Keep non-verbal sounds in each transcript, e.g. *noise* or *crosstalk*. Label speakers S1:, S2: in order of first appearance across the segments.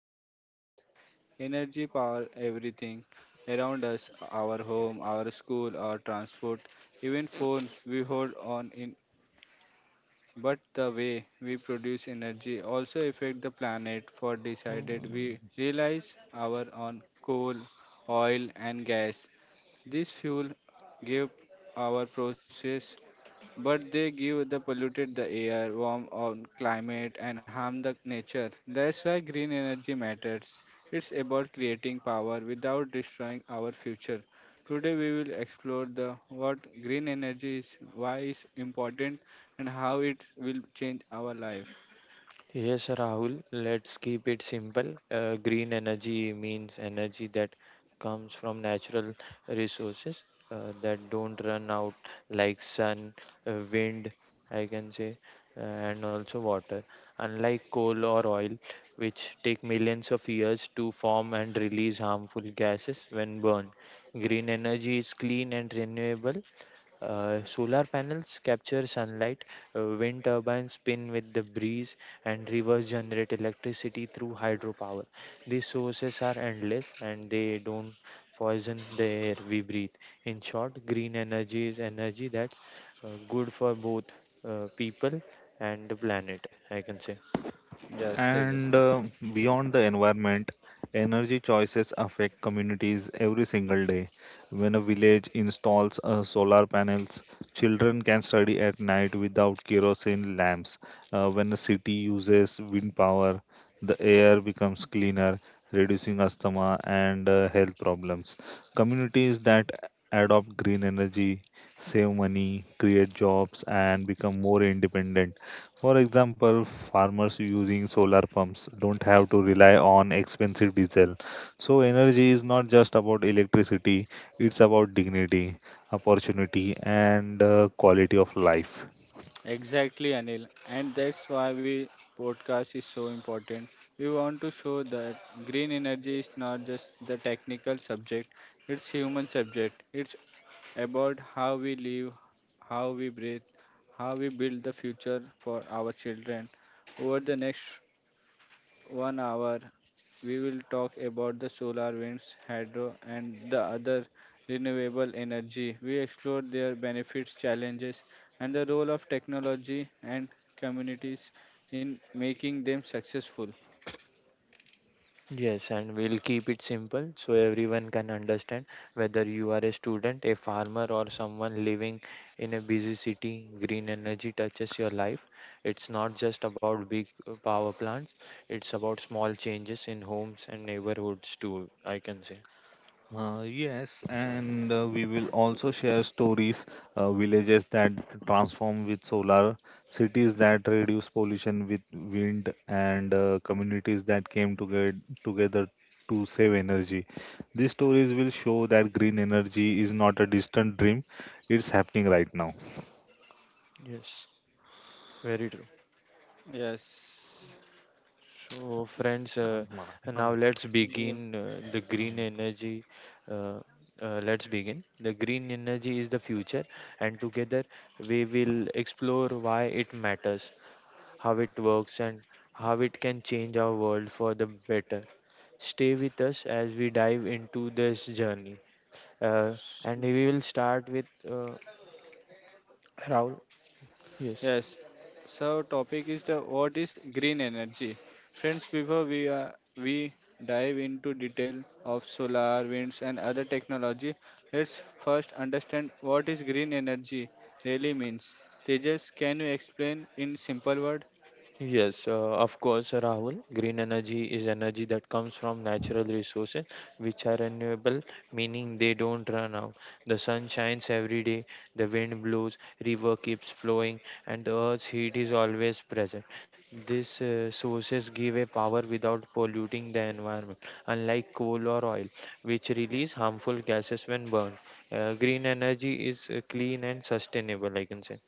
S1: green energy. Energy power everything around us our home, our school, our transport, even phone we hold on in. But the way we produce energy also affect the planet for decided we realize our on coal, oil and gas. This fuel give our process but they give the polluted the air, warm on climate and harm the nature. That's why green energy matters. It's about creating power without destroying our future. Today we will explore the what green energy is, why it's important and how it will change our life.
S2: Yes, Rahul, let's keep it simple. Green energy means energy that comes from natural resources that don't run out, like sun, wind, I can say, and also water. Unlike coal or oil, which take millions of years to form and release harmful gases when burned, green energy is clean and renewable. Solar panels capture sunlight, wind turbines spin with the breeze, and rivers generate electricity through hydropower. These sources are endless and they don't poison the air we breathe. In short, green energy is energy that's good for both people and the planet, I can say.
S1: Yes, Tejas.
S3: And Beyond the environment, and every single day, when a village installs solar panels, children can study kerosene lamps. When a city uses wind power, the air becomes cleaner, reducing asthma and health problems. Communities that adopt green energy save money, create jobs, and become more independent. For example, farmers using solar pumps don't have to rely on expensive diesel. So, energy is not just about electricity, it's about dignity, opportunity, and quality of life.
S1: Exactly, Anil. And that's why we podcast is so important. We want to show that green energy is not just the technical subject, it's human subject. It's about how we live, how we breathe, how we build the future for our children over the next 1 hour, we will talk about the solar, winds, hydro, and the other renewable energy. We explore their benefits, challenges, and the role of technology and communities in making them successful.
S2: Yes, and we'll keep it simple so everyone can understand whether you are a student, a farmer, or someone living in a busy city. Green energy touches your life. It's not just about big power plants, it's about small changes in homes and neighborhoods, too. I can say,
S3: Yes, and we will also share stories, villages that transform with solar, cities that reduce pollution with wind, and communities that came together to save energy. These stories will show that green energy is not a distant dream; it's happening right now.
S2: yes, very true.
S1: Yes.
S2: So, friends,
S3: Come, Mara,
S2: now
S3: come,
S2: let's
S1: Yeah.
S2: begin the green
S3: come.
S2: energy. Uh, let's begin. The green energy is the future, and together we will explore why it matters, how it works, and how it can change our world for the better. Stay with us as we dive into this journey. Uh, and we will start with Raul. Yes.
S1: Yes. So topic is the what is green energy? Friends, before we dive into detail of solar, winds and other technology, let's first understand what is green energy really means. Tejas, can you explain in simple word?
S2: Yes, of course, Rahul. Green energy is energy that comes from natural resources which are renewable, meaning they don't run out. The sun shines every day, the wind blows, river keeps flowing, and the earth's heat is always present. These sources give a power without polluting the environment, unlike coal or oil, which release harmful gases when burned. Green energy is clean and sustainable, I can say.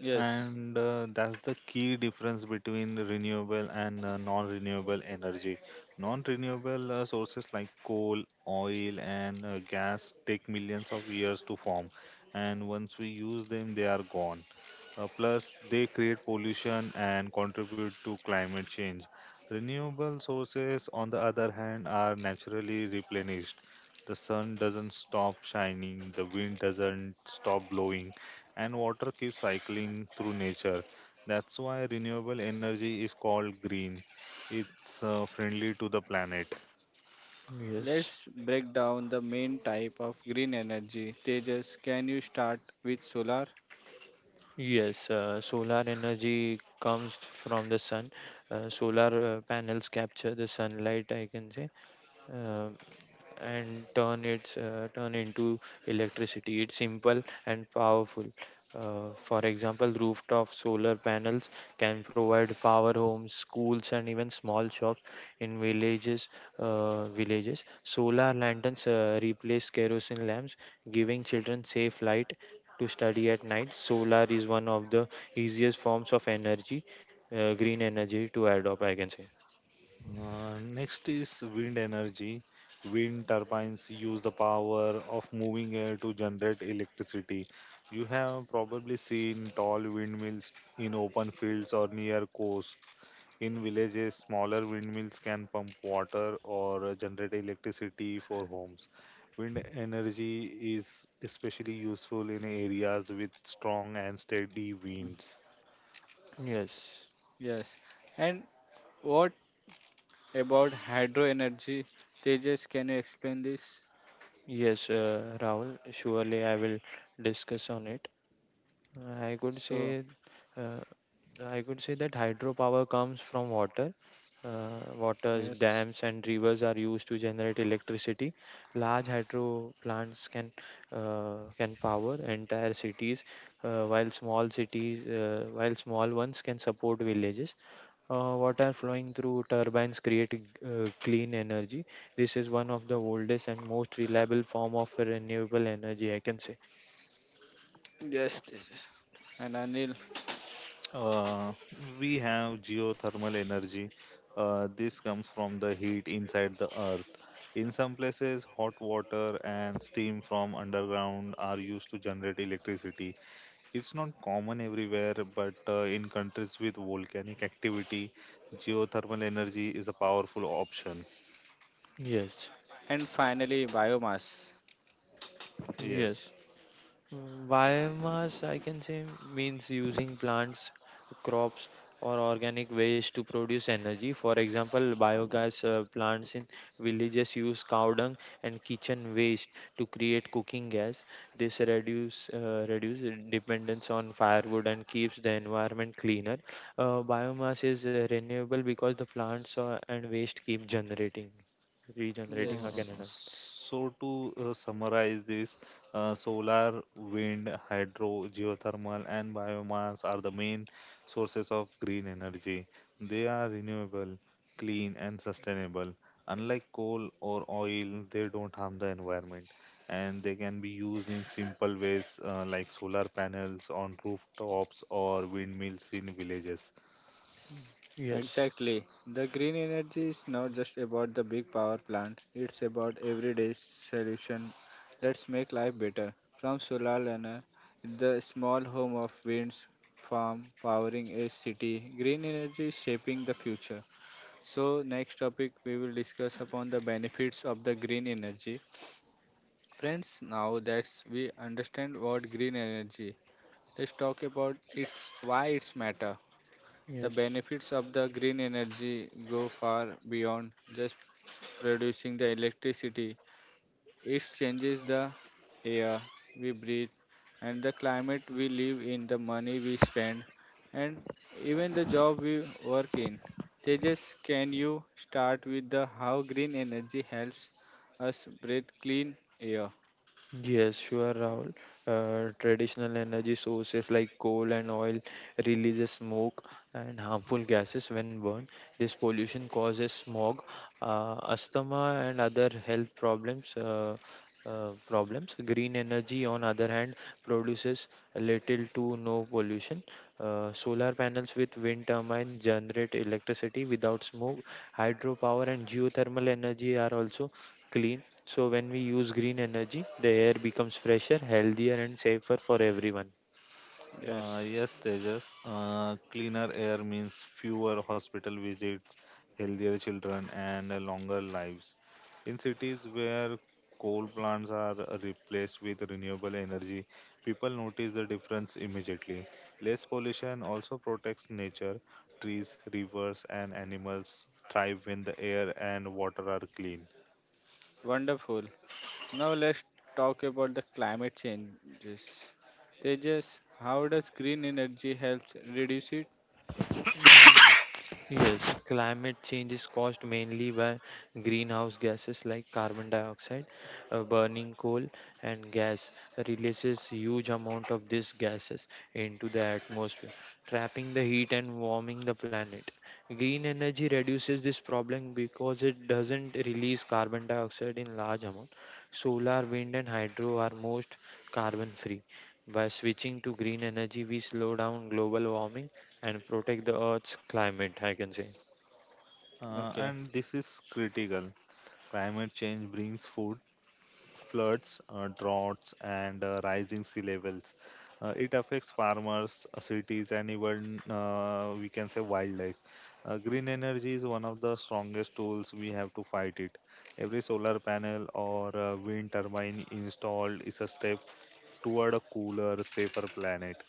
S1: Yes.
S3: And that's the key difference between the renewable and non-renewable energy. Non-renewable sources like coal, oil, and gas take millions of years to form, and once we use them, they are gone. Plus, they create pollution and contribute to climate change. Renewable sources, on the other hand, are naturally replenished. The sun doesn't stop shining, the wind doesn't stop blowing, and water keeps cycling through nature. That's why renewable energy is called green. It's friendly to the planet.
S2: Yes.
S1: Let's break down the main type of green energy. Tejas, can you start with solar?
S2: Yes, solar energy comes from the sun. Solar panels capture the sunlight, I can say, uh, and turn into electricity. It's simple and powerful. For example, rooftop solar panels can provide power homes, schools, and even small shops in villages. Solar lanterns replace kerosene lamps, giving children safe light to study at night. Solar is one of the easiest forms of energy, green energy to adopt. I can say
S3: Next is wind energy. Wind turbines use the power of moving air to generate electricity. You have probably seen tall windmills in open fields or near coasts. In villages, smaller windmills can pump water or generate electricity for homes. Wind energy is especially useful in areas with strong and steady winds.
S2: yes.
S1: Yes. And what about hydro energy? Tejas, can you explain this?
S2: Yes, Rahul, surely I will discuss on it. I could
S1: So,
S2: say uh, I could say that hydropower comes from water. Waters,
S1: yes.
S2: dams, and rivers are used to generate electricity. Large hydro plants can power entire cities, while small ones can support villages. Water flowing through turbines create clean energy. This is one of the oldest and most reliable form of renewable energy. I can say
S1: Yes, yes, yes. And Anil,
S3: Uh, we have geothermal energy. This comes from the heat inside the earth. In some places, hot water and steam from underground are used to generate electricity. It's not common everywhere, but in countries with volcanic activity, geothermal energy is a powerful option.
S1: and
S2: yes,
S1: finally, biomass.
S3: Yes.
S2: yes. Biomass, I can say, means using plants, crops, or organic waste to produce energy. For example, biogas plants in villages use cow dung and kitchen waste to create cooking gas. This reduce dependence on firewood and keeps the environment cleaner. Biomass is renewable because the plants and waste keep generating, regenerating
S3: Uh,
S2: again
S1: Yes,
S2: and again.
S3: so to uh, summarize this, solar, wind, hydro, geothermal, and biomass are the main sources of green energy. They are renewable, clean, and sustainable. Unlike coal or oil, they don't harm the environment, and they can be used in simple ways like solar panels on rooftops or windmills in villages.
S2: Yes,
S1: exactly. The green energy is not just about the big power plant, it's about everyday solution that make life better. From solar learner, the small home of winds farm powering a city, green energy is shaping the future. So next topic we will discuss upon the benefits of the green energy. Friends, now that we understand what green energy, let's talk about its why it's matter. The
S2: yes.
S1: benefits of the green energy go far beyond just producing the electricity. It changes the air we breathe and the climate we live in, the money we spend, and even the job we work in. Tejas, can you start with the how green energy helps us breathe clean air?
S2: Yes, sure, Rahul. Traditional energy sources like coal and oil releases smoke and harmful gases when burned. This pollution causes smog, asthma, and other health problems. Green energy, on other hand, produces little to no pollution. Solar panels with wind turbines generate electricity without smoke. Hydropower and geothermal energy are also clean. So when we use green energy, the air becomes fresher, healthier, and safer for everyone.
S1: Yes.
S3: Yes, Tejas. Cleaner air means fewer hospital visits, healthier children, and longer lives. In cities where coal plants are replaced with renewable energy, people notice the difference immediately. Less pollution also protects nature. Trees, rivers, and animals thrive when the air and water are clean.
S1: Wonderful. Now let's talk about the climate changes. Tejas, how does green energy helps reduce it?
S2: Yes, climate change is caused mainly by greenhouse gases like carbon dioxide. Burning coal and gas releases huge amount of these gases into the atmosphere, trapping the heat and warming the planet. Green energy reduces this problem because it doesn't release carbon dioxide in large amount. Solar, wind and hydro are most carbon free. By switching to green energy, we slow down global warming and protect the Earth's climate, I can say.
S1: Okay,
S3: And this is critical. Climate change brings food, floods, droughts, and rising sea levels. It affects farmers, cities, and even we can say wildlife. Green energy is one of the strongest tools we have to fight it. Every solar panel or wind turbine installed is a step toward a cooler, safer planet.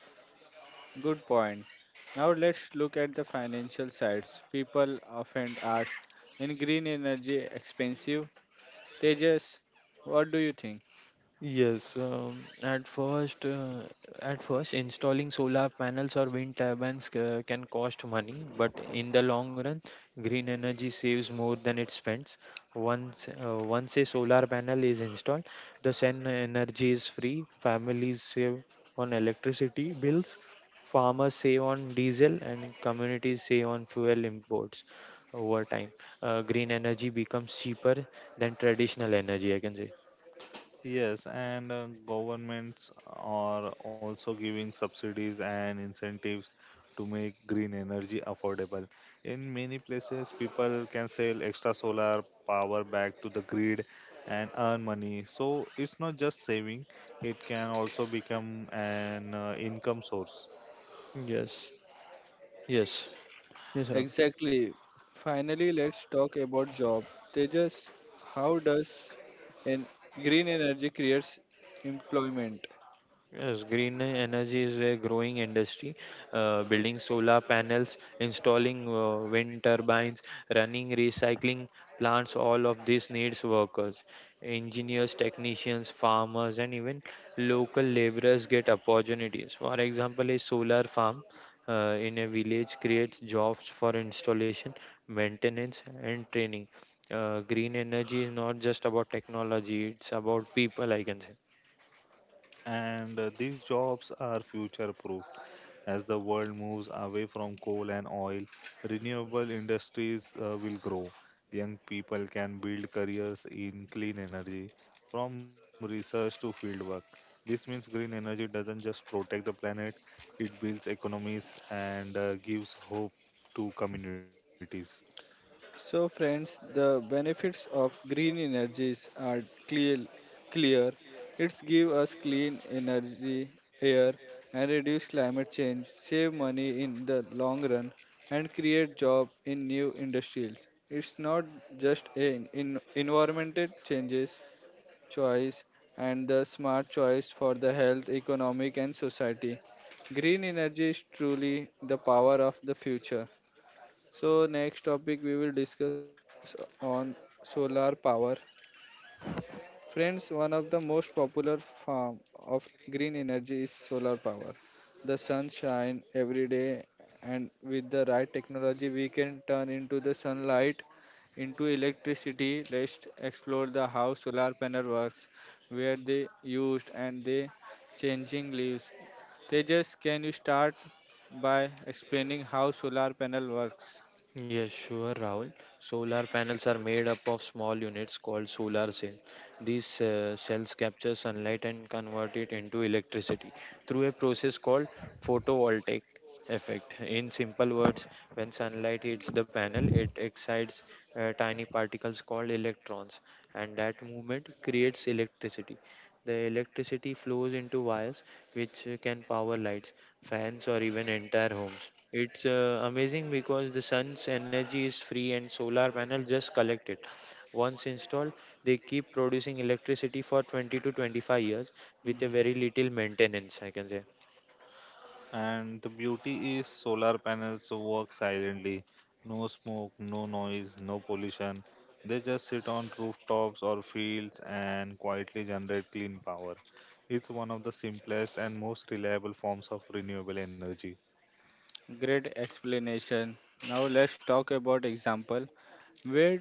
S1: good point. Now let's look at the financial sides. People often ask, in green energy expensive? Tejas, what do you think?
S2: Yes, at first, installing solar panels or wind turbines can cost money, but in the long run, green energy saves more than it spends. Once a solar panel is installed, the sun energy is free. Families save on electricity bills, farmers save on diesel, and communities save on fuel imports. Over time, green energy becomes cheaper than traditional energy. I can say
S3: Yes, and governments are also giving subsidies and incentives to make green energy affordable. In many places, people can sell extra solar power back to the grid and earn money. So it's not just saving, it can also become an income source.
S2: yes. Yes. Yes, Rob.
S1: Exactly. Finally, let's talk about job. Tejas, how does an green energy creates employment?
S2: Yes, green energy is a growing industry. Building solar panels, installing wind turbines, running recycling plants, all of this needs workers. Engineers, technicians, farmers, and even local laborers get opportunities. For example, a solar farm in a village creates jobs for installation, maintenance, and training. Green energy is not just about technology, it's about people, I can say.
S3: And these jobs are future proof. As the world moves away from coal and oil, renewable industries will grow. Young people can build careers in clean energy from research to fieldwork. This means green energy doesn't just protect the planet, it builds economies and gives hope to communities.
S1: So, friends, the benefits of green energies are clear. Clear. It's give us clean energy, air, and reduce climate change, save money in the long run, and create job in new industries. It's not just an in environmental changes choice and the smart choice for the health, economic, and society. Green energy is truly the power of the future. So next topic we will discuss on solar power. Friends, one of the most popular form of green energy is solar power. The sun shine every day and with the right technology we can turn into the sunlight into electricity. Let's explore the how solar panel works, where they used and they changing leaves. Tejas, can you start by explaining how solar panel works?
S2: Yes, sure, Rahul. Solar panels are made up of small units called solar cells. These cells capture sunlight and convert it into electricity through a process called photovoltaic effect. In simple words, when sunlight hits the panel, it excites tiny particles called electrons, and that movement creates electricity. The electricity flows into wires, which can power lights, fans, or even entire homes. It's amazing because the sun's energy is free and solar panels just collect it. Once installed, they keep producing electricity for 20 to 25 years with a very little maintenance, I can say.
S3: And the beauty is solar panels work silently. No smoke, no noise, no pollution. They just sit on rooftops or fields and quietly generate clean power. It's one of the simplest and most reliable forms of renewable energy.
S1: Great explanation. Now let's talk about example. Where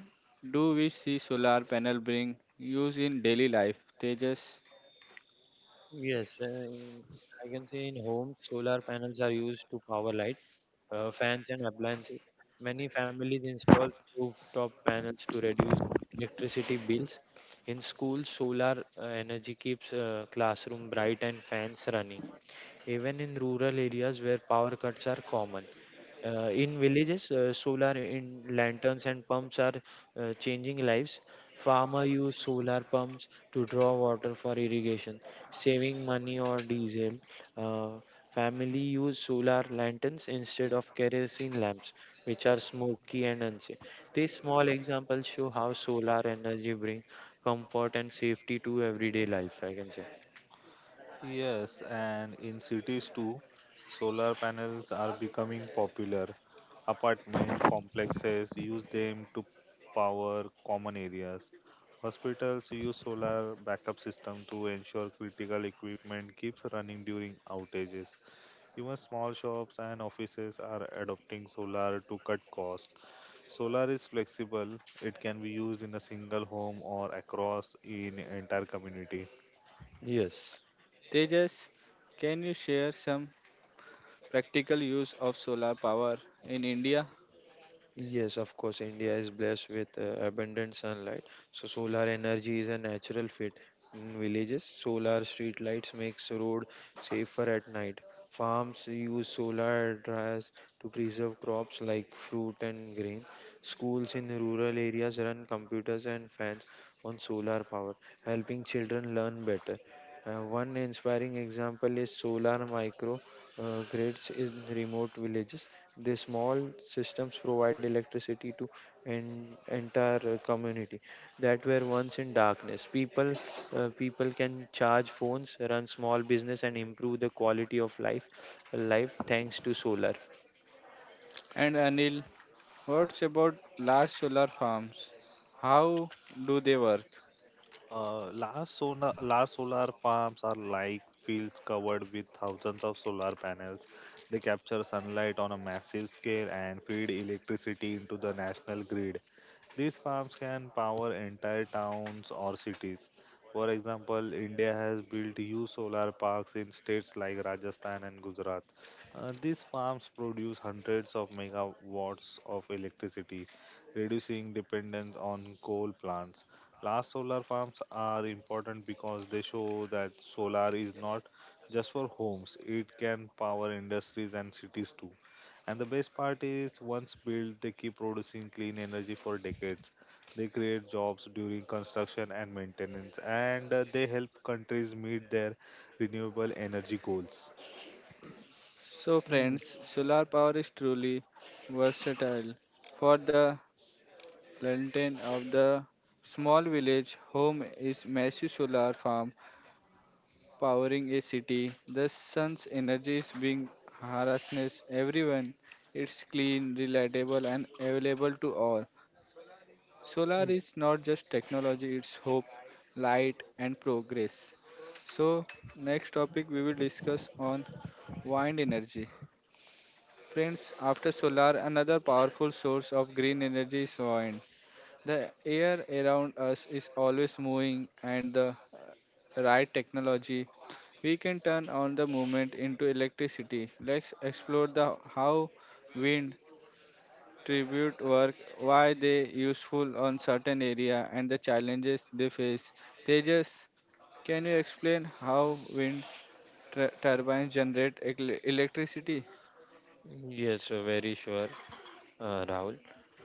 S1: do we see solar panel being used in daily life? Tejas,
S2: Yes, I can say in homes, solar panels are used to power lights fans and appliances. Many families install rooftop panels to reduce electricity bills. In schools, solar energy keeps classroom bright and fans running even in rural areas where power cuts are common. In villages, solar in lanterns and pumps are changing lives. Farmer use solar pumps to draw water for irrigation, saving money or diesel. Uh, Family use solar lanterns instead of kerosene lamps, which are smoky and unsafe. These small examples show how solar energy brings comfort and safety to everyday life. I can say
S3: Yes, and in cities too, solar panels are becoming popular. Apartment complexes use them to power common areas. Hospitals use solar backup system to ensure critical equipment keeps running during outages. Even small shops and offices are adopting solar to cut costs. Solar is flexible. It can be used in a single home or across in entire community.
S2: yes.
S1: Tejas, can you share some practical use of solar power in India?
S2: Yes, of course, India is blessed with abundant sunlight. So solar energy is a natural fit in villages. Solar street lights makes road safer at night. Farms use solar dryers to preserve crops like fruit and grain. Schools in rural areas run computers and fans on solar power, helping children learn better. One inspiring example is Solar Micro grids in remote villages. These small systems provide electricity to an entire community that were once in darkness. People can charge phones, run small business, and improve the quality of life thanks to solar.
S1: And Anil, what's about large solar farms? How do they work?
S3: Large solar farms are like fields covered with thousands of solar panels. They capture sunlight on a massive scale and feed electricity into the national grid. These farms can power entire towns or cities. For example, India has built huge solar parks in states like Rajasthan and Gujarat. These farms produce hundreds of megawatts of electricity, reducing dependence on coal plants. Large solar farms are important because they show that solar is not just for homes, it can power industries and cities too. And the best part is, once built, they keep producing clean energy for decades. They create jobs during construction and maintenance, and they help countries meet their renewable energy goals.
S1: So
S2: Mm.
S1: friends, solar power is truly versatile for the Lantern of the small village home is massive solar farm powering a city. The sun's energy is being harnessed everyone. It's clean, reliable and available to all. Solar is not just technology, it's hope, light and progress. So next topic we will discuss on wind energy. Friends, after solar, another powerful source of green energy is wind. The air around us is always moving, and the right technology, we can turn on the movement into electricity. Let's explore the how wind tribute work, why they useful on certain area, and the challenges they face. Tejas, can you explain how wind turbines generate electricity?
S2: Yes, Rahul.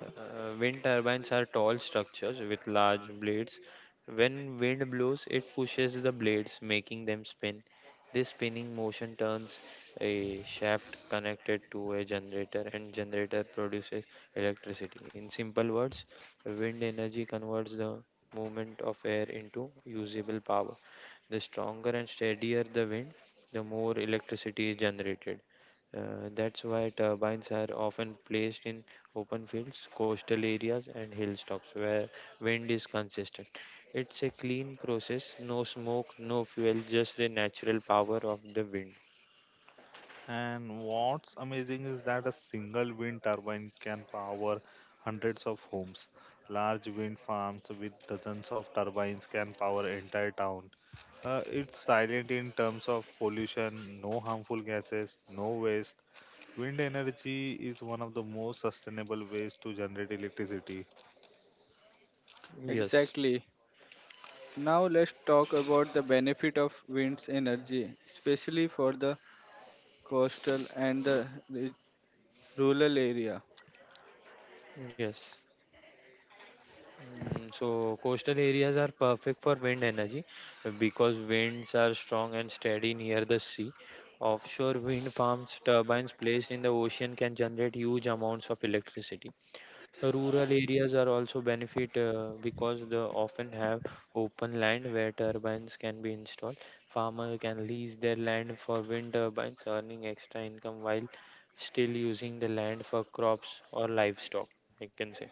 S2: Wind turbines are tall structures with large blades. When wind blows, it pushes the blades, making them spin. This spinning motion turns a shaft connected to a generator, and generator produces electricity. In simple words, wind energy converts the movement of air into usable power. The stronger and steadier the wind, the more electricity is generated. That's why turbines are often placed in open fields, coastal areas, and hilltops where wind is consistent. It's a clean process, no smoke, no fuel, just the natural power of the wind.
S3: And what's amazing is that a single wind turbine can power hundreds of homes. Large wind farms with dozens of turbines can power entire town. It's silent in terms of pollution, no harmful gases, no waste. Wind energy is one of the most sustainable ways to generate electricity.
S2: Yes,
S1: Exactly. Now let's talk about the benefit of wind's energy, especially for the coastal and the rural area.
S2: yes. So coastal areas are perfect for wind energy because winds are strong and steady near the sea. Offshore wind farms, turbines placed in the ocean can generate huge amounts of electricity. Rural areas are also benefit because they often have open land where turbines can be installed. Farmer can lease their land for wind turbines, earning extra income while still using the land for crops or livestock. I can say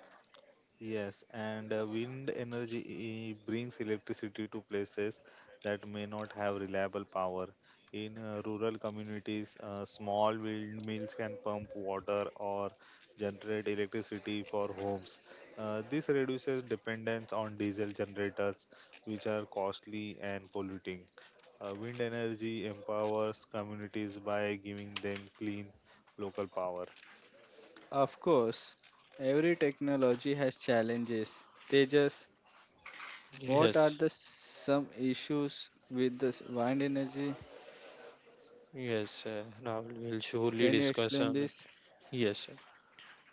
S3: Yes, and wind energy brings electricity to places that may not have reliable power. In rural communities, small windmills can pump water or generate electricity for homes. This reduces dependence on diesel generators, which are costly and polluting. Wind energy empowers communities by giving them clean local power.
S1: Of course, every technology has challenges. They just what are
S2: yes.
S1: the some issues with this wind energy?
S2: Yes. Rahul will surely
S1: Can you
S2: discuss
S1: explain
S2: on it.
S1: this?
S2: Yes, sir.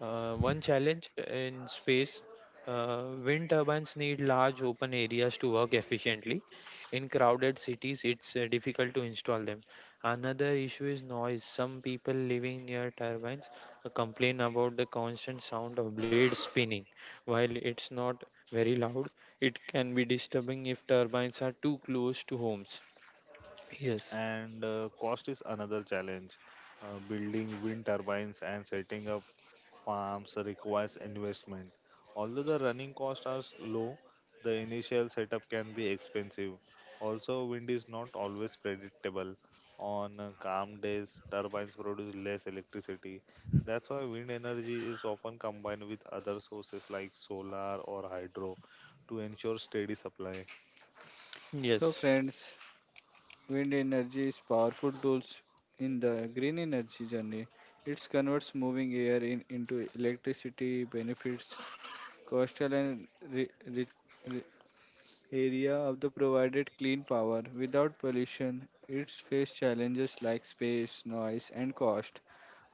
S2: One challenge in space. Wind turbines need large open areas to work efficiently. In crowded cities, it's difficult to install them. Another issue is noise. Some people living near turbines complain about the constant sound of blades spinning. While it's not very loud, it can be disturbing if turbines are too close to homes. Yes,
S3: And cost is another challenge. Building wind turbines and setting up farms requires investment. Although the running costs are low, the initial setup can be expensive. Also, wind is not always predictable. On calm days, turbines produce less electricity. That's why wind energy is often combined with other sources like solar or hydro to ensure steady supply.
S1: So
S2: yes,
S1: friends, wind energy is powerful tools in the green energy journey. It converts moving air in, into electricity benefits coastal and re, re, area of the provided clean power without pollution it's faced challenges like space noise and cost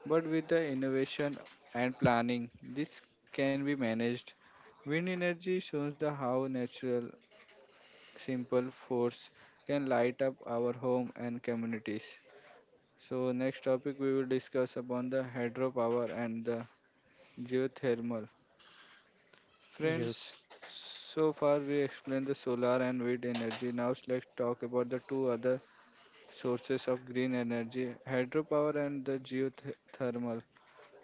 S1: but with the innovation and planning this can be managed wind energy shows the how natural simple force can light up our home and communities so next topic we will discuss upon the hydropower and the geothermal friends
S2: yes.
S1: so far we explained the solar and wind energy now let's talk about the two other sources of green energy, hydropower and the geothermal.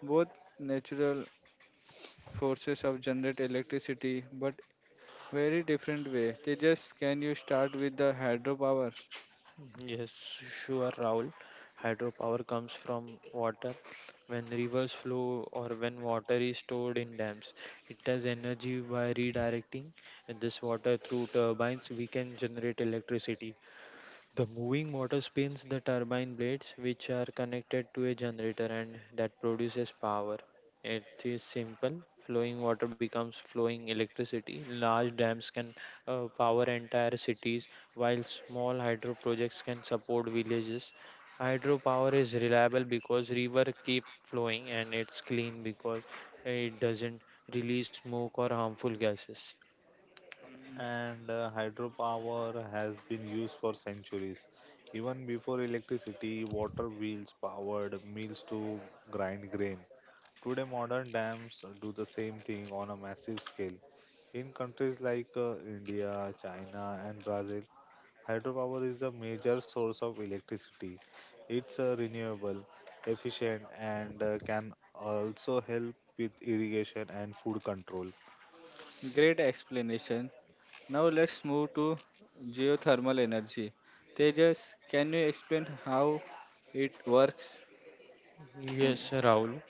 S1: Both natural forces of generate electricity, but very different way. Tejas, can you start with the hydropower?
S2: Yes, sure, Rahul. Hydropower comes from water. When rivers flow or when water is stored in dams, it has energy. By redirecting this water through turbines, we can generate electricity. The moving motor spins the turbine blades, which are connected to a generator, and that produces power. It is simple. Flowing water becomes flowing electricity. Large dams can power entire cities, while small hydro projects can support villages. Hydropower is reliable because river keep flowing, and it's clean because it doesn't release smoke or harmful gases.
S3: And hydropower has been used for centuries. Even before electricity, water wheels powered mills to grind grain. Today, modern dams do the same thing on a massive scale. In countries like India, China, and Brazil, hydropower is a major source of electricity. It's renewable, efficient, and can also help with irrigation and food control.
S1: Great explanation. Now let's move to geothermal energy. Tejas, can you explain how it works? In
S2: Yes, Rahul.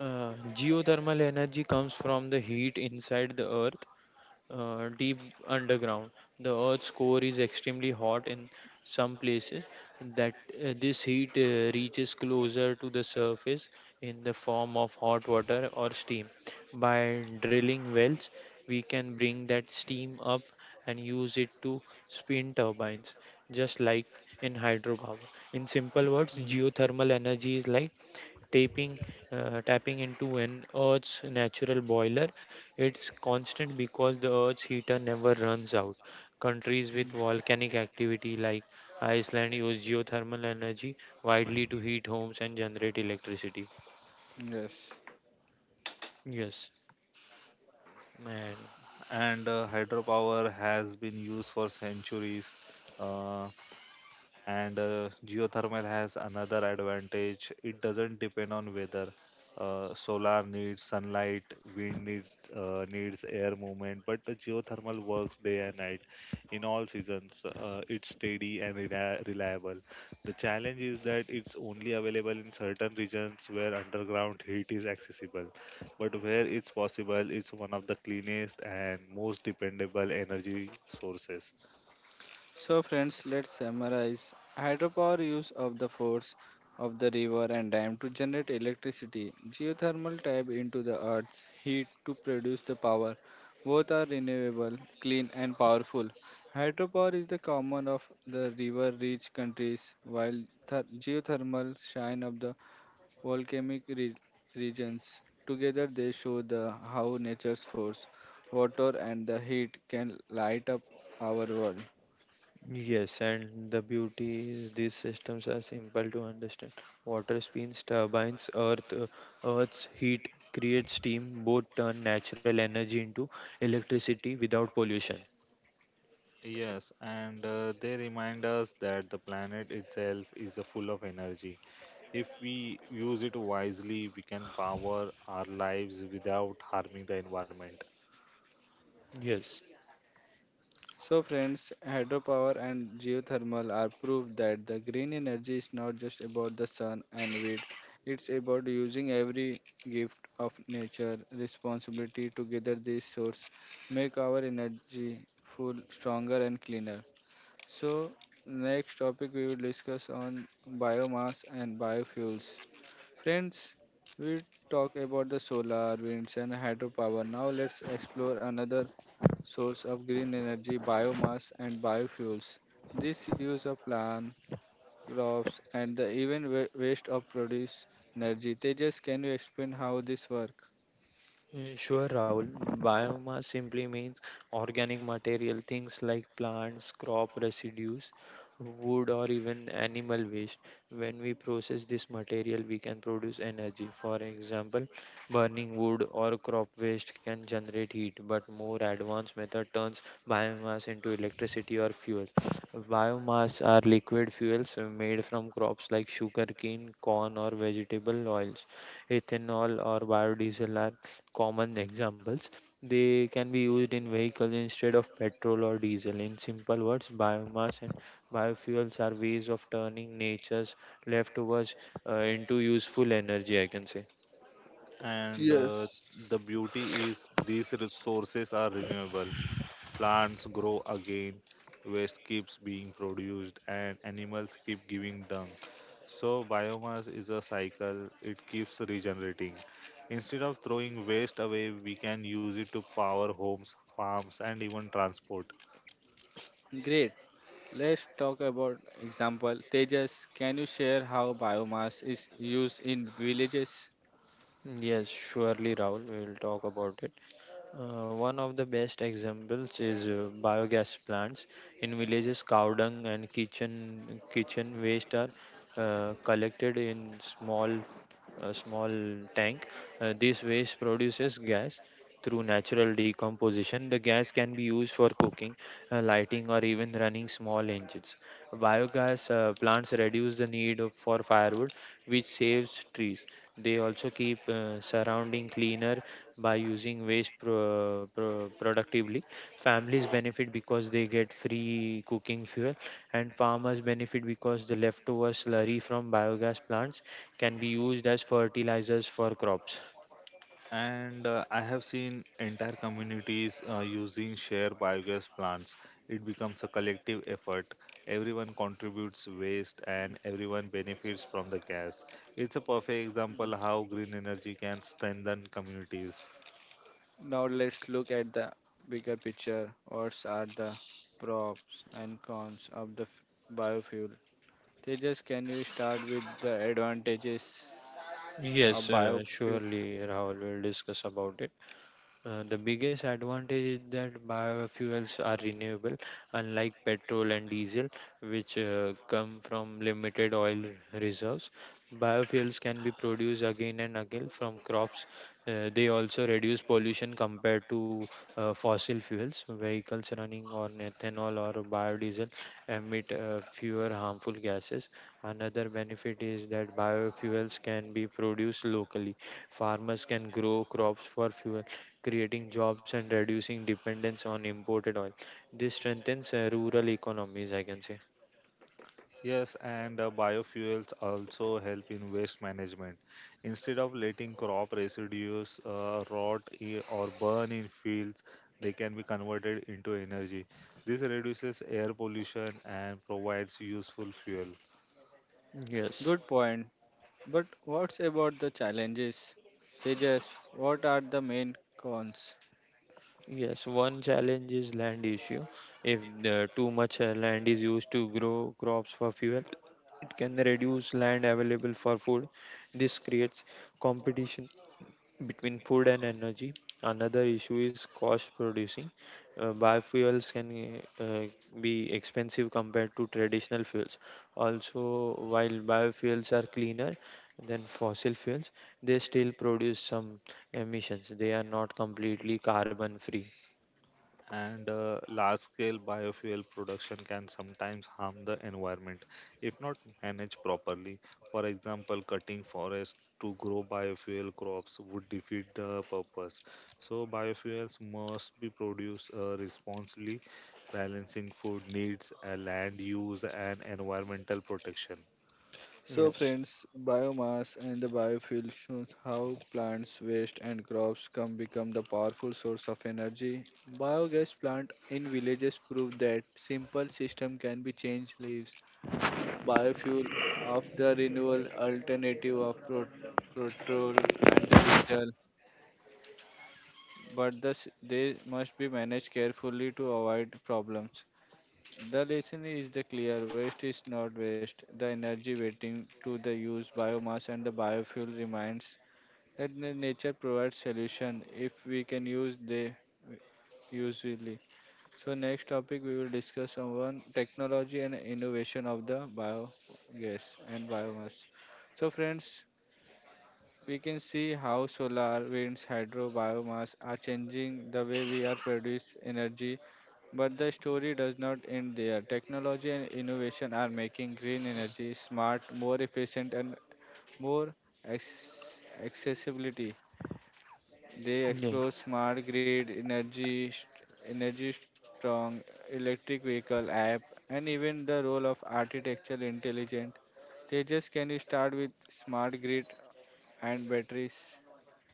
S2: Geothermal energy comes from the heat inside the earth, deep underground. The earth's core is extremely hot. In some places, That this heat reaches closer to the surface in the form of hot water or steam. By drilling wells, we can bring that steam up and use it to spin turbines, just like in hydropower. In simple words,
S1: mm,
S2: geothermal energy is like tapping tapping into an earth's natural boiler. It's constant because the earth's heater never runs out. Countries with
S1: mm,
S2: volcanic activity like iceland use geothermal energy widely to heat homes and generate electricity.
S1: yes.
S2: Yes, man.
S3: And hydropower has been used for centuries. Uh, and geothermal has another advantage. It doesn't depend on weather. Solar needs sunlight, wind needs air movement, but the geothermal works day and night in all seasons. It's steady and reliable. The challenge is that it's only available in certain regions where underground heat is accessible, but where it's possible, it's one of the cleanest and most dependable energy sources.
S1: So, friends, let's summarize. Hydropower use of the force of the river and dam to generate electricity. Geothermal tap into the earth's heat to produce the power. Both are renewable, clean, and powerful. Hydropower is the common of the river-rich countries, while geothermal shine of the volcanic regions. Together, they show the how nature's force, water, and the heat can light up our world.
S2: Yes, and the beauty is these systems are simple to understand. Water spins, turbines, earth, earth's heat creates steam, both turn natural energy into electricity without pollution.
S3: Yes, and they remind us that the planet itself is full of energy. If we use it wisely, we can power our lives without harming the environment.
S2: Yes.
S1: So, friends, hydropower and geothermal are proof that the green energy is not just about the sun and wind, it's about using every gift of nature responsibility. Together, these sources make our energy full, stronger, and cleaner. So, next topic we will discuss on biomass and biofuels. Friends, we talk about the solar, winds, and hydropower. Now, let's explore another source of green energy, biomass, and biofuels. This use of plant, crops, and the even waste of produce energy. Tejas, can you explain how this work?
S2: Sure, Rahul. Biomass simply means organic material, things like plants, crop residues, wood, or even animal waste. When we process this material, we can produce energy. For example, burning wood or crop waste can generate heat, but more advanced method turns biomass into electricity or fuel. Biomass are liquid fuels made from crops like sugarcane, corn, or vegetable oils. Ethanol or biodiesel are common examples. They can be used in vehicles instead of petrol or diesel. In simple words, biomass and biofuels are ways of turning nature's leftovers into useful energy, I can say.
S3: And
S1: Yes.
S3: the beauty is these resources are renewable. Plants grow again, waste keeps being produced, and animals keep giving dung. So, biomass is a cycle, it keeps regenerating. Instead of throwing waste away, we can use it to power homes, farms, and even transport.
S1: Great. Let's talk about example. Tejas, can you share how biomass is used in villages?
S2: Yes, surely, Rahul, we will talk about it. One of the best examples is biogas plants in villages. Cow dung and kitchen waste are collected in small a small tank. This waste produces gas through natural decomposition. The gas can be used for cooking, lighting, or even running small engines. Biogas plants reduce the need for firewood, which saves trees. They also keep surrounding cleaner by using waste productively. Families benefit because they get free cooking fuel, and farmers benefit because the leftover slurry from biogas plants can be used as fertilizers for crops.
S3: And I have seen entire communities using share biogas plants. It becomes a collective effort. Everyone contributes waste and everyone benefits from the gas. It's a perfect example how green energy can strengthen communities.
S1: Now let's look at the bigger picture. What are the pros and cons of the biofuel? Tejas, can you start with the advantages? A
S2: Yes,
S1: biofuel.
S2: surely Rahul will discuss about it. The biggest advantage is that biofuels are renewable, unlike petrol and diesel, which come from limited oil reserves. Biofuels can be produced again and again from crops. They also reduce pollution compared to fossil fuels. Vehicles running on ethanol or biodiesel emit fewer harmful gases. Another benefit is that biofuels can be produced locally. Farmers can grow crops for fuel, creating jobs and reducing dependence on imported oil. This strengthens rural economies, I can say.
S3: Yes, and biofuels also help in waste management. Instead of letting crop residues or burn in fields, they can be converted into energy. This reduces air pollution and provides useful fuel.
S2: Yes.
S1: Good point. But what's about the challenges? Tejas, what are the main cons?
S2: Yes, one challenge is land issue. If too much land is used to grow crops for fuel, it can reduce land available for food. This creates competition between food and energy. Another issue is cost producing. Biofuels can be expensive compared to traditional fuels. Also, while biofuels are cleaner than fossil fuels, they still produce some emissions. They are not completely carbon free.
S3: And large scale biofuel production can sometimes harm the environment if not managed properly. For example, cutting forests to grow biofuel crops would defeat the purpose. So, biofuels must be produced responsibly, balancing food needs, land use, and environmental protection.
S1: So,
S2: Yes.
S1: friends, biomass and the biofuel shows how plants' waste and crops can become the powerful source of energy. Biogas plant in villages prove that simple system can be changed lives. Biofuel of the renewable alternative of petrol and the diesel but thus they must be managed carefully to avoid problems. The lesson is the clear waste is not waste. The energy waiting to the use biomass and the biofuel reminds that the nature provides solution if we can use they usually. So next topic we will discuss on technology and innovation of the biogas and biomass. So friends, we can see how solar, winds, hydro, biomass are changing the way we are produce energy. But the story does not end there. Technology and innovation are making green energy smart, more efficient, and more accessibility. They
S2: Yeah.
S1: explore smart grid, energy, energy strong, electric vehicle app, and even the role of artificial intelligence. They just can you start with smart grid and batteries.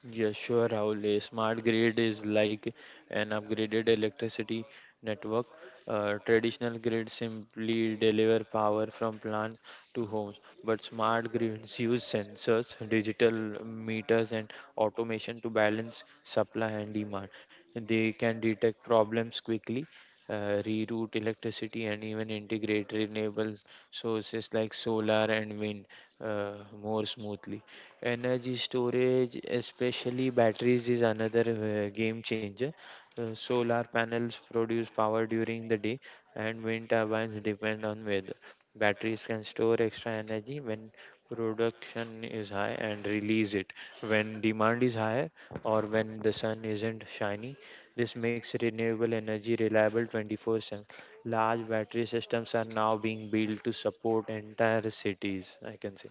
S2: Yeah, sure, Rahul. A smart grid is like an upgraded electricity network. Traditional grids simply deliver power from plants to homes, but smart grids use sensors, digital meters, and automation to balance supply and demand. They can detect problems quickly, reroute electricity, and even integrate renewable sources like solar and wind uh, more smoothly. Energy storage, especially batteries, is another game changer. Solar panels produce power during the day, and wind turbines depend on weather. Batteries can store extra energy when production is high and release it when demand is higher or when the sun isn't shining. This makes renewable energy reliable 24/7. Large battery systems are now being built to support entire cities, I can say.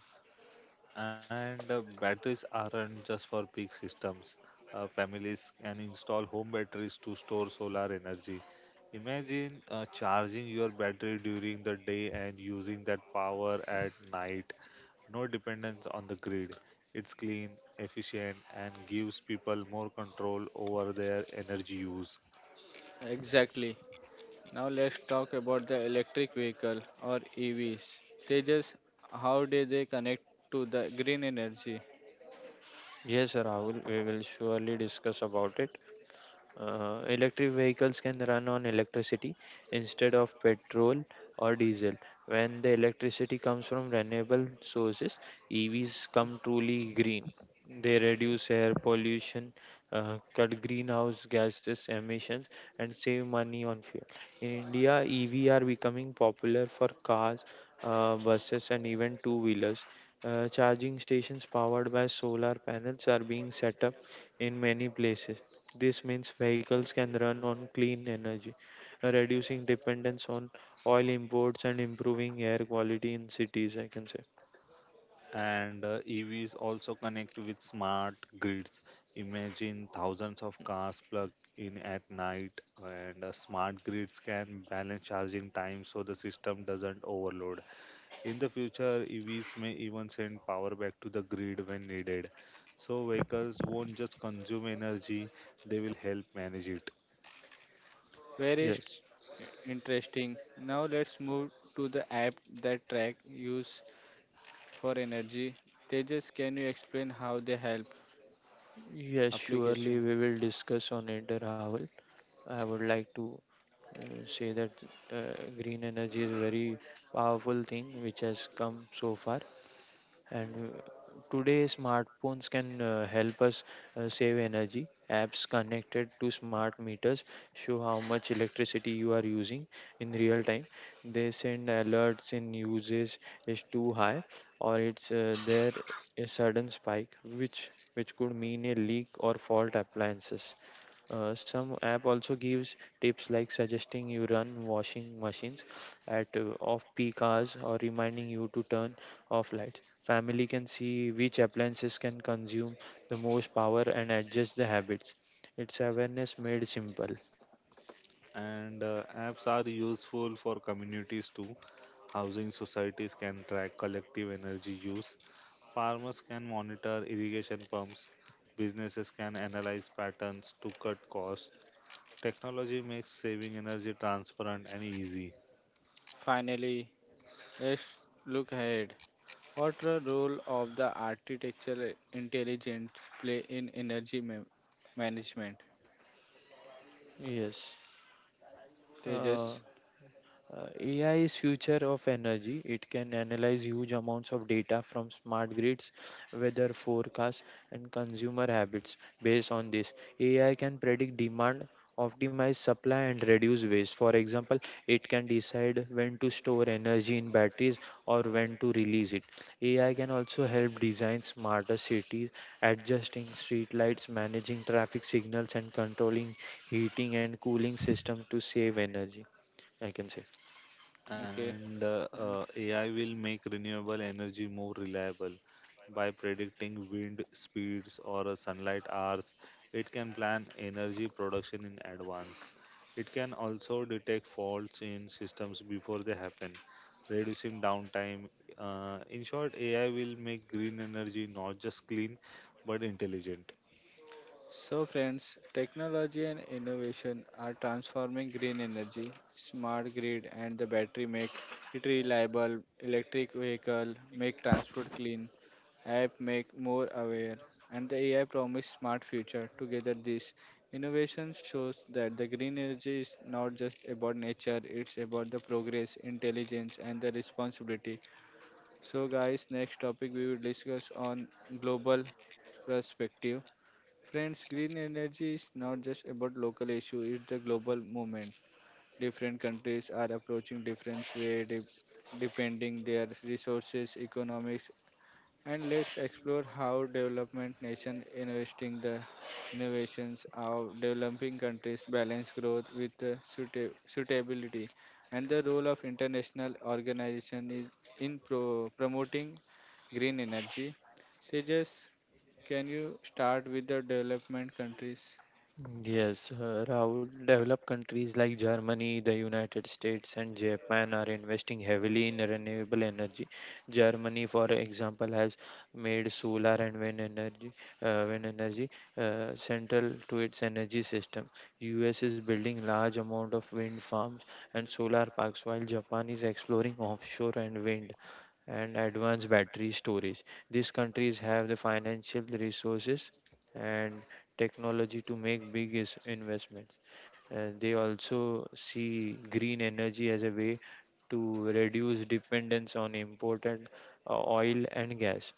S3: And batteries aren't just for big systems. Families can install home batteries to store solar energy. Imagine charging your battery during the day and using that power at night. No dependence on the grid. It's clean, efficient, and gives people more control over their energy use.
S1: Exactly. Now let's talk about the electric vehicle or EVs. They just how do they connect to the green energy?
S2: Yes, Rahul, we will surely discuss about it. Electric vehicles can run on electricity instead of petrol or diesel. When the electricity comes from renewable sources, EVs come truly green. They reduce air pollution, cut greenhouse gases emissions, and save money on fuel. In India, EV are becoming popular for cars, buses, and even two-wheelers. Charging stations powered by solar panels are being set up in many places. This means vehicles can run on clean energy, reducing dependence on oil imports and improving air quality in cities, I can say.
S3: And EVs also connect with smart grids. Imagine thousands of cars plugged in at night, and smart grids can balance charging time so the system doesn't overload. In the future, EVs may even send power back to the grid when needed. So, vehicles won't just consume energy, they will help manage it.
S1: Very
S2: Yes.
S1: interesting. Now let's move to the app that track use for energy. Tejas, can you explain how they help
S2: Yes, surely
S1: application?
S2: we will discuss on it, Rahul. I would like to say that green energy is a very powerful thing which has come so far. And today, smartphones can help us save energy. Apps connected to smart meters show how much electricity you are using in real time. They send alerts in usage is too high or it's there a sudden spike, which could mean a leak or fault appliances. Some app also gives tips like suggesting you run washing machines at off peak hours or reminding you to turn off lights. Family can see which appliances can consume the most power and adjust the habits. It's awareness made simple.
S3: And apps are useful for communities too. Housing societies can track collective energy use. Farmers can monitor irrigation pumps, businesses can analyze patterns to cut costs. Technology makes saving energy transparent and easy.
S1: Finally, let's look ahead. What a role of the architectural intelligence play in energy management?
S2: Yes. Uh,
S1: Tejas,
S2: AI is future of energy. It can analyze huge amounts of data from smart grids, weather forecasts, and consumer habits. Based on this, AI can predict demand, optimize supply, and reduce waste. For example, it can decide when to store energy in batteries or when to release it. AI can also help design smarter cities, adjusting street lights, managing traffic signals, and controlling heating and cooling systems to save energy. I can say.
S1: okay.
S3: And
S1: And
S3: AI will make renewable energy more reliable by predicting wind speeds or sunlight hours. It can plan energy production in advance. It can also detect faults in systems before they happen, reducing downtime. In short, AI will make green energy not just clean but intelligent.
S1: so, friends, technology and innovation are transforming green energy, smart grid, and the battery make it reliable. Electric vehicle make transport clean. App make more aware, and the AI promise smart future. Together, this innovation shows that the green energy is not just about nature; it's about the progress, intelligence, and the responsibility. So, guys, next topic we will discuss on global perspective. Friends, green energy is not just about local issue, it's the global movement. Different countries are approaching different way depending their resources, economics and let's explore how development nation investing the innovations of developing countries balance growth with suitability and the role of international organization is in promoting green energy. Tejas, can you start with the development countries?
S2: Yes, Rahul, developed countries like Germany, the United States, and Japan are investing heavily in renewable energy. Germany, for example, has made solar and wind energy, wind energy central to its energy system. US is building large amount of wind farms and solar parks, while Japan is exploring offshore and wind and advanced battery storage. These countries have the financial resources and technology to make big investments. They also see green energy as a way to reduce dependence on imported oil and gas.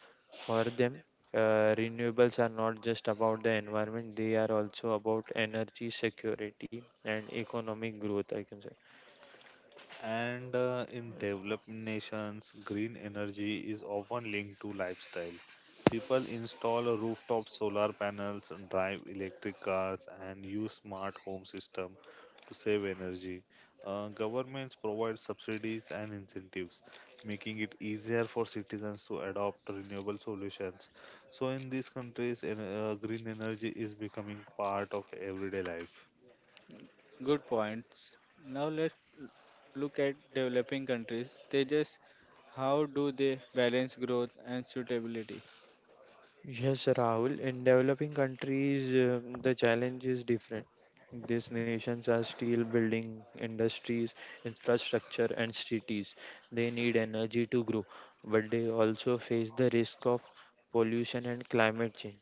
S2: For them, renewables are not just about the environment, they are also about energy security and economic growth, I can say.
S3: And in developing nations, green energy is often linked to lifestyle. People install rooftop solar panels, drive electric cars, and use smart home system to save energy. Governments provide subsidies and incentives, making it easier for citizens to adopt renewable solutions. So, in these countries, green energy is becoming part of everyday life.
S1: Good points. Now let's l- look at developing countries. Tejas, how do they balance growth and suitability?
S2: Yes, Rahul. In developing countries, the challenge is different. These nations are still building industries, infrastructure, and cities. They need energy to grow, but they also face the risk of pollution and climate change.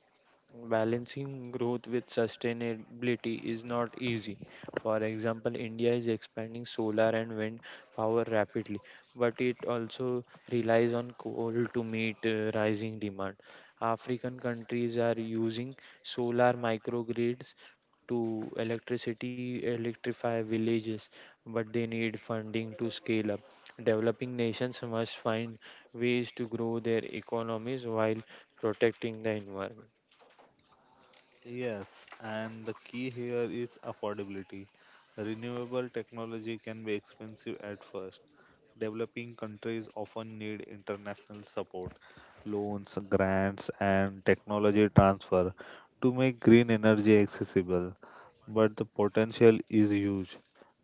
S2: Balancing growth with sustainability is not easy. For example, India is expanding solar and wind power rapidly, but it also relies on coal to meet rising demand. African countries are using solar microgrids to electricity electrify villages, but they need funding to scale up. Developing nations must find ways to grow their economies while protecting the environment.
S3: Yes, and the key here is affordability. Renewable technology can be expensive at first. Developing countries often need international support, loans, grants, and technology transfer to make green energy accessible. But the potential is huge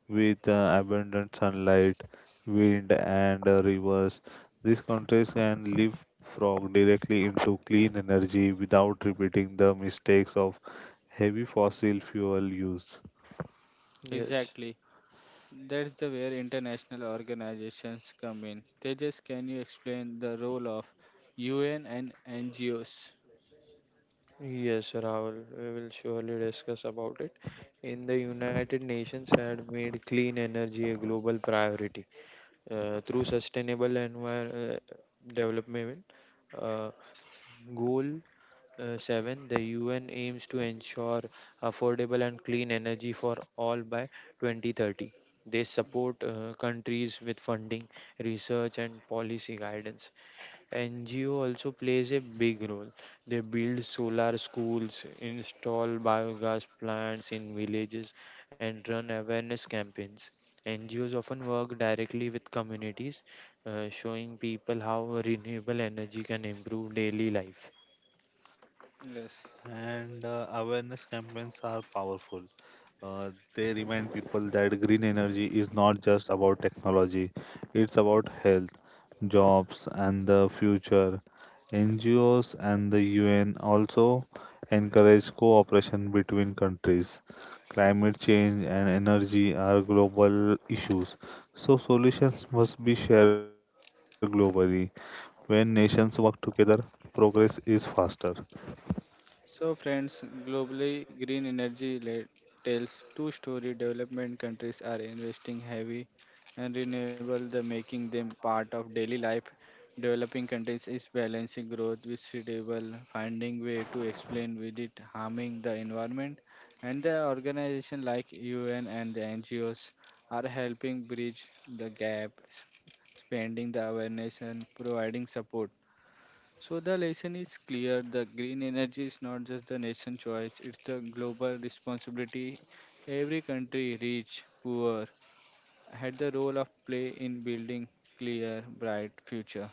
S3: with abundant sunlight, wind, and rivers. These countries can leapfrog directly into clean energy without repeating the mistakes of heavy fossil fuel use.
S2: Yes,
S1: Exactly. That's the where international organizations come in. Tejas, can you explain the role of UN and NGOs?
S2: yes, Rahul, we will surely discuss about it. In the United Nations had made clean energy a global priority. Through sustainable envir- uh, development uh, goal uh, 7, the UN aims to ensure affordable and clean energy for all by 2030. They support countries with funding, research and policy guidance. NGO also plays a big role. They build solar schools, install biogas plants in villages, and run awareness campaigns. NGOs often work directly with communities, showing people how renewable energy can improve daily life.
S1: Yes.
S3: And Awareness campaigns are powerful. Uh, they remind people that green energy is not just about technology, it's about health, jobs, and the future. NGOs and the UN also encourage cooperation between countries. Climate change and energy are global issues, so solutions must be shared globally. When nations work together, progress is faster.
S1: So, friends, globally, green energy tells two-story development countries are investing heavy and renewable, the making them part of daily life. Developing countries is balancing growth with suitable, finding way to explain with it harming the environment, and the organization like UN and the NGOs are helping bridge the gap, spending the awareness and providing support so the lesson is clear. The green energy is not just the nation choice, it's the global responsibility. Every country, rich, poor, had the role of play in building clear, bright future.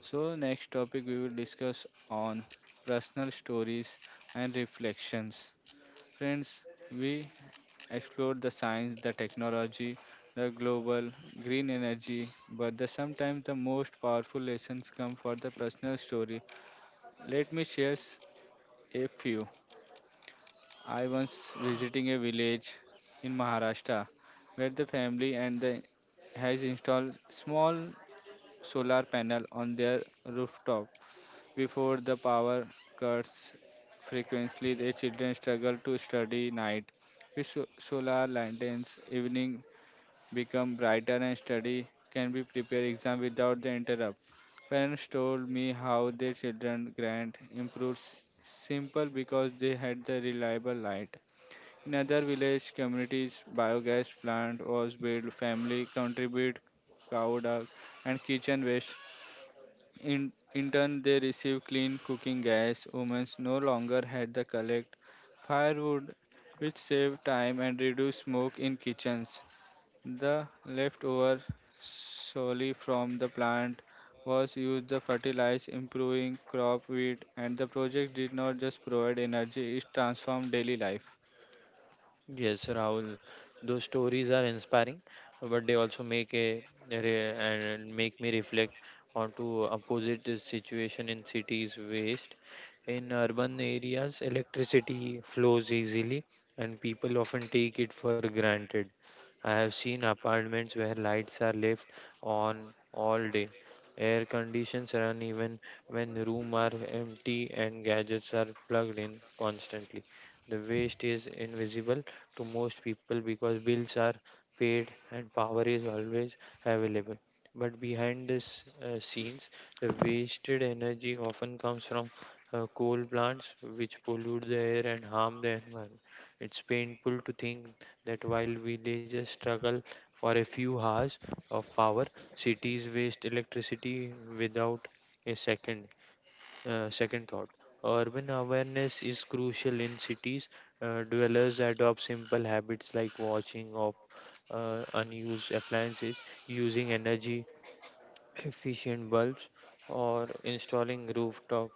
S1: So next topic we will discuss on personal stories and reflections. Friends, we explored the science, the technology, the global green energy, but the sometimes the most powerful lessons come for the personal story let me share a few. I was visiting a village in Maharashtra where the family and the has installed small solar panel on their rooftop before the power cuts frequently the children struggle to study night with solar lanterns evening become brighter and study can be prepare exam without the interrupt. Parents told me how their children grant improved simple because they had the reliable light. In other village communities, biogas plant was built, family contribute cow dung and kitchen waste. In turn, they received clean cooking gas. Women no longer had to collect firewood, which saved time and reduced smoke in kitchens. The leftover solely from the plant was used to fertilize improving crop yield and the project did not just provide energy it transformed daily life.
S2: Yes, Rahul, those stories are inspiring, but they also make a re- and make me reflect onto opposite the situation in cities waste. In urban areas, electricity flows easily, and people often take it for granted. I have seen apartments where lights are left on all day. Air conditions run even when room are empty and gadgets are plugged in constantly. The waste is invisible to most people because bills are paid and power is always available. But behind this scenes, the wasted energy often comes from coal plants, which pollute the air and harm the environment. It's painful to think that while villages struggle for a few hours of power, cities waste electricity without a second. Second thought, urban awareness is crucial in cities. Dwellers adopt simple habits like watching of unused appliances, using energy *clears throat* efficient bulbs or installing rooftop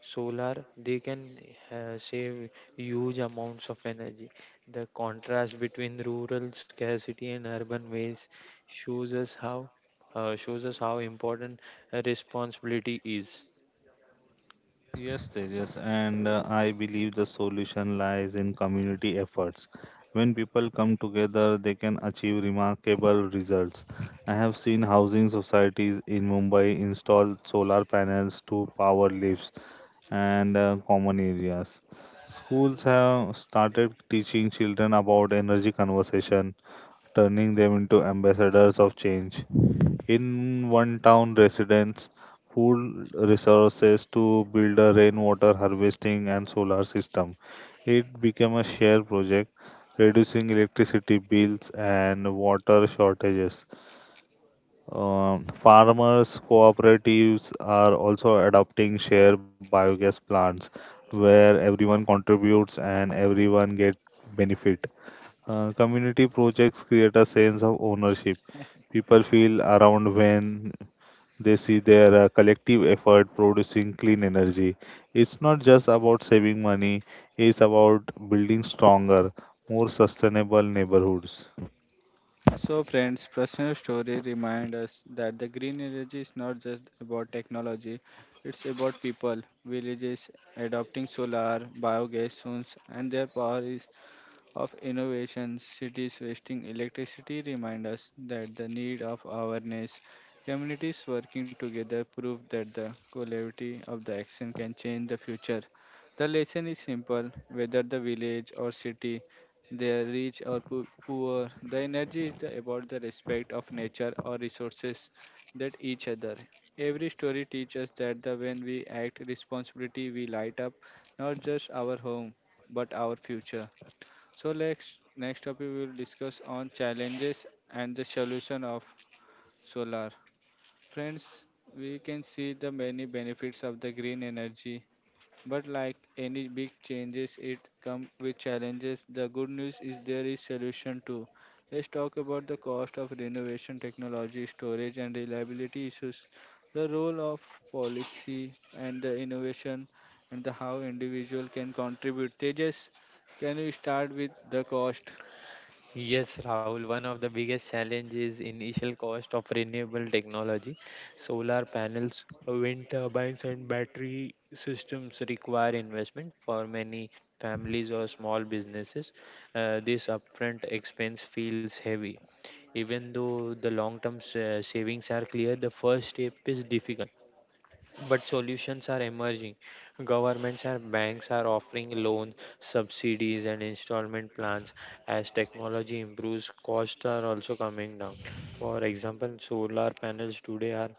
S2: solar. They can save huge amounts of energy. The contrast between rural scarcity and urban waste shows us how shows us how important responsibility is.
S3: Yes, Tejas, and I believe the solution lies in community efforts. When people come together, they can achieve remarkable results. I have seen housing societies in Mumbai install solar panels to power lifts and common areas. Schools have started teaching children about energy conservation, turning them into ambassadors of change. In one town, residents pooled resources to build a rainwater harvesting and solar system. It became a shared project, reducing electricity bills and water shortages. Farmers' cooperatives are also adopting share biogas plants where everyone contributes and everyone gets benefit. Community projects create a sense of ownership people feel around when they see their collective effort producing clean energy. It's not just about saving money, it's about building stronger, more sustainable neighborhoods.
S1: So friends, personal story remind us that the green energy is not just about technology, it's about people, villages adopting solar, biogas sources and their power is of innovation, cities wasting electricity remind us that the need of awareness. Communities working together prove that the quality of the action can change the future. The lesson is simple whether the village or city, they are rich or poor, the energy is about the respect of nature or resources that each other. Every story teaches that the when we act responsibility we light up not just our home but our future. So next topic we will discuss on challenges and the solution of solar. Friends, we can see the many benefits of the green energy, but like any big changes, it come with challenges. The good news is there is solution too. Let's talk about the cost of renovation technology, storage and reliability issues, the role of policy and the innovation and the how individual can contribute. Tejas, can you start with the cost?
S2: Yes, Rahul, one of the biggest challenges is initial cost of renewable technology. Solar panels, wind turbines, and battery systems require investment for many families or small businesses. This upfront expense feels heavy. Even though the long term savings are clear, the first step is difficult, but solutions are emerging. Governments and banks are offering loan subsidies and installment plans. As technology improves, costs are also coming down. For example, solar panels today are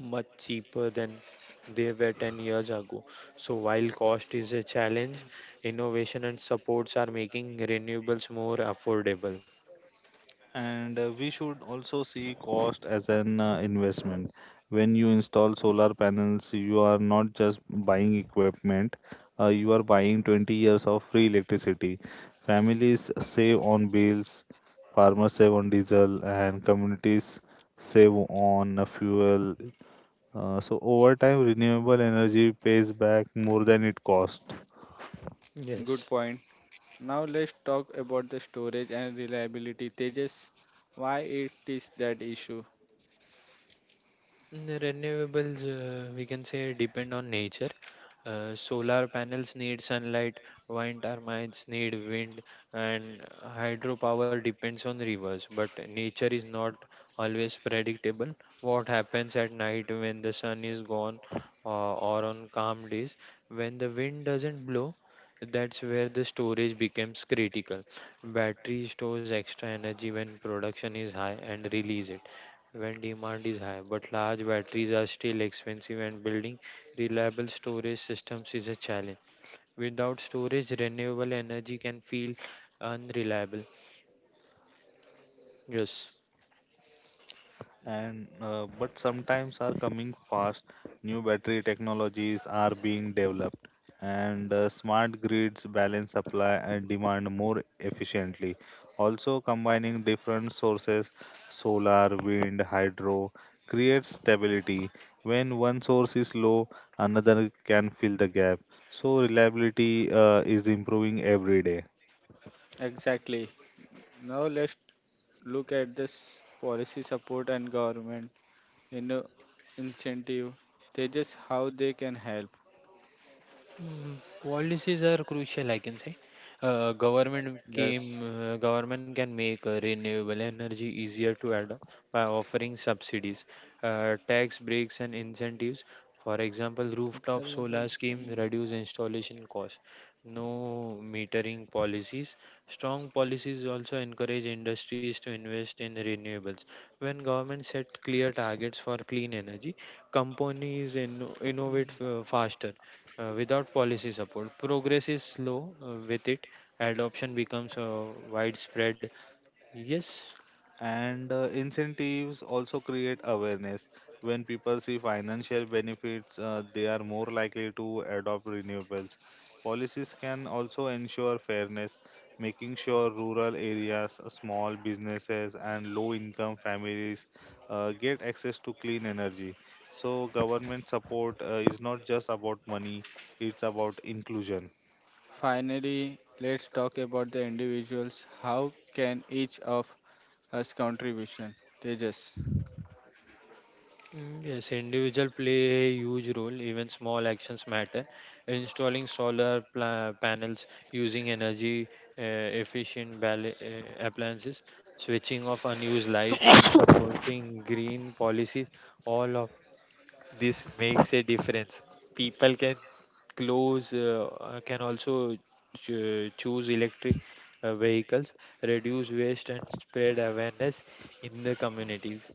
S2: much cheaper than they were 10 years ago. So, while cost is a challenge, innovation and supports are making renewables more affordable.
S3: And We should also see cost as an investment. When you install solar panels, you are not just buying equipment, you are buying 20 years of free electricity. Families save on bills, farmers save on diesel, and communities save on fuel. So over time, renewable energy pays back more than it costs.
S1: Good
S2: Yes.
S1: point. Now let's talk about the storage and reliability. Tejas, why it is that issue?
S2: Renewables, we can say, depend on nature. Solar panels need sunlight, wind turbines need wind, and hydropower depends on rivers. But nature is not always predictable. What happens at night when the sun is gone, or on calm days when the wind doesn't blow? That's where the storage becomes critical. Battery stores extra energy when production is high and release it when demand is high, but large batteries are still expensive and building reliable storage systems is a challenge. Without storage, renewable energy can feel unreliable. Yes.
S3: And But sometimes are coming fast. New battery technologies are being developed, and smart grids balance supply and demand more efficiently. Also, combining different sources, solar, wind, hydro, creates stability. When one source is low, another can fill the gap. So reliability is improving every day.
S1: Exactly. Now let's look at this policy support and government in incentive. Tejas, how they can help.
S2: Policies are crucial, I can say. Uh, government
S1: Yes.
S2: came, Government can make renewable energy easier to adopt by offering subsidies, tax breaks, and incentives. For example,
S1: cut
S2: rooftop
S1: कर या तो
S2: solar
S1: कम
S2: scheme
S1: हो जाए.
S2: reduce installation costs. No metering policies. Strong policies also encourage industries to invest in renewables. When governments set clear targets for clean energy, companies innovate faster. Without policy support, progress is slow. With it, adoption becomes widespread. Yes,
S3: And Incentives also create awareness. When people see financial benefits, they are more likely to adopt renewables. Policies can also ensure fairness, making sure rural areas, small businesses, and low income families get access to clean energy. So, government support is not just about money, it's about inclusion.
S1: Finally, let's talk about the individuals. How can each of us contribution? Tejas.
S2: yes, individual play a huge role. Even small actions matter. Installing solar panels, using energy efficient appliances, switching off unused lights, and supporting green policies. All of this makes a difference. People can close can also choose electric vehicles, reduce waste and spread awareness in the communities.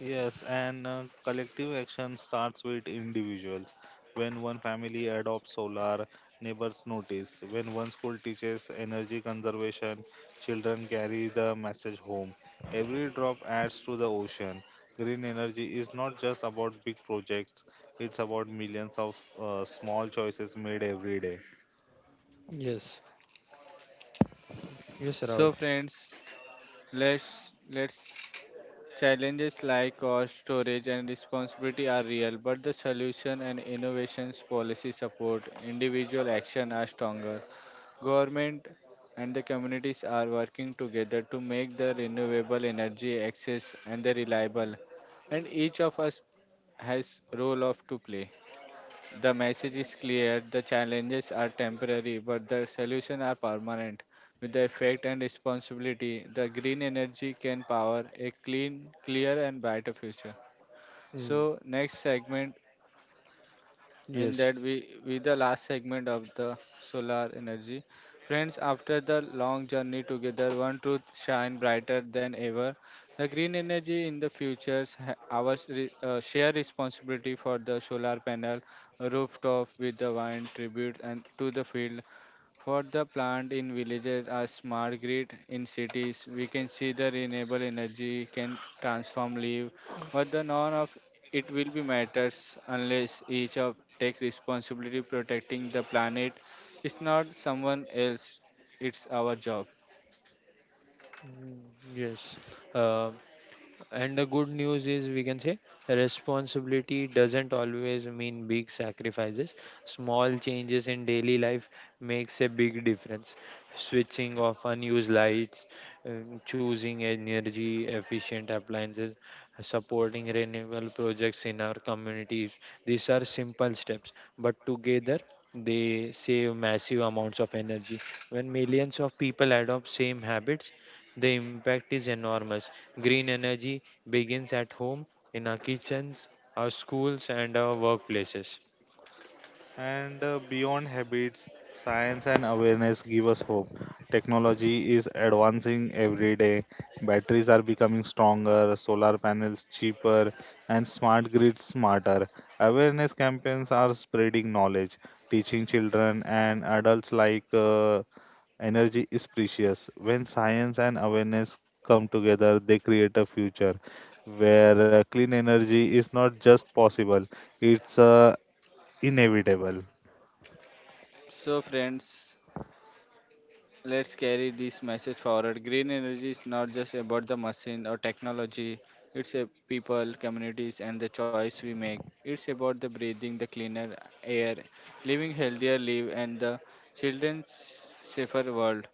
S3: Yes, and collective action starts with individuals. When one family adopts solar, neighbors notice. When one school teaches energy conservation, children carry the message home. Every drop adds to the ocean. Green energy is not just about big projects, it's about millions of small choices made every day.
S2: Yes, yes,
S1: So
S2: Rahul.
S1: friends, let's let's Challenges like cost, storage, and responsibility are real, but the solution and innovations, policy support, individual action are stronger. Government and the communities are working together to make the renewable energy access and the reliable, and each of us has role of to play. The message is clear, the challenges are temporary, but the solutions are permanent. With the effect and responsibility, the green energy can power a clean, clear, and brighter future.
S2: Mm,
S1: So, next segment in
S2: yes.
S1: that we with the last segment of the solar energy friends after the long journey together one truth shine brighter than ever the green energy in the futures share responsibility for the solar panel rooftop with the wind tribute and to the field for the plant in villages are smart grid in cities. We can see the renewable energy can transform live, but the none of it will be matters unless each of take responsibility protecting the planet. It's not someone else, it's our job.
S2: Mm, yes. And the good news is, we can say, responsibility doesn't always mean big sacrifices. Small changes in daily life makes a big difference. Switching off unused lights, choosing energy efficient appliances, supporting renewable projects in our communities. These are simple steps, but together they save massive amounts of energy. When millions of people adopt same habits, the impact is enormous. Green energy begins at home, in our kitchens, our schools, and our workplaces.
S3: And Beyond habits, science and awareness give us hope. Technology is advancing every day. Batteries are becoming stronger, solar panels cheaper, and smart grids smarter. Awareness campaigns are spreading knowledge, teaching children and adults like energy is precious. When science and awareness come together, they create a future where clean energy is not just possible, it's inevitable.
S1: So friends, let's carry this message forward. Green energy is not just about the machine or technology, it's a people, communities, and the choice we make. It's about the breathing the cleaner air, living healthier live, and the children's safer world.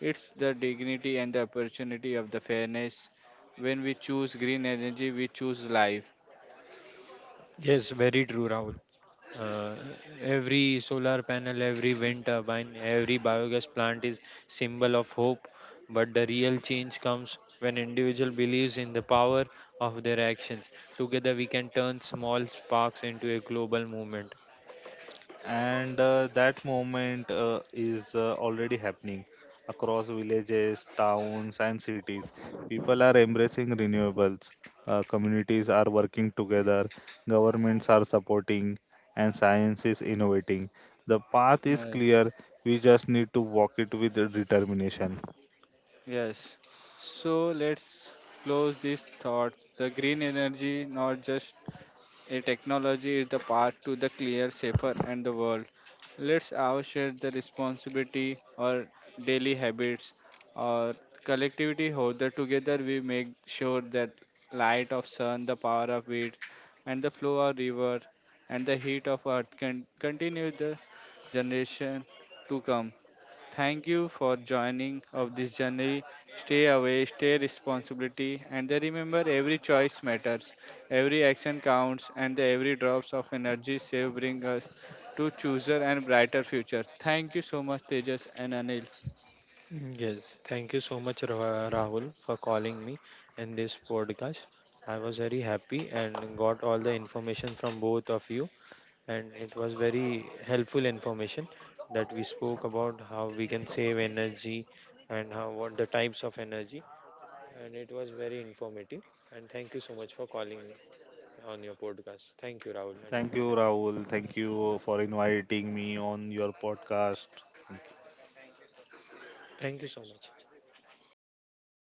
S1: It's the dignity and the opportunity of the fairness. When we choose green energy, we choose life.
S2: Yes, very true, Rahul. Uh, every solar panel, every wind turbine, every biogas plant is symbol of hope. But the real change comes when individual believes in the power of their actions. Together, we can turn small sparks into a global movement.
S3: And That moment is already happening across villages, towns, and cities. People are embracing renewables. Communities are working together, governments are supporting, and science is innovating. The path is
S1: Yes.
S3: clear. We just need to walk it with determination.
S1: Yes. So let's close these thoughts. The green energy not just a technology is the path to the clear, safer, and the world. Let's all share the responsibility or daily habits or collectivity holder together we make sure that light of sun, the power of winds, and the flow of river and the heat of earth can continue the generation to come. Thank you for joining of this journey. Stay away, stay responsibility, and then remember every choice matters, every action counts, and every drops of energy save bring us to chooser and brighter future. Thank you so much, Tejas and Anil.
S2: Yes, thank you so much, Rahul, for calling me in this podcast. I was very happy and got all the information from both of you, and it was very helpful information that we spoke about how we can save energy and how what the types of energy, and it was very informative. And thank you so much for calling me on your podcast. Thank you, Rahul and
S3: Thank you,
S2: Anil.
S3: Rahul. Thank you for inviting me on your podcast. Thank you.
S2: Thank you so much.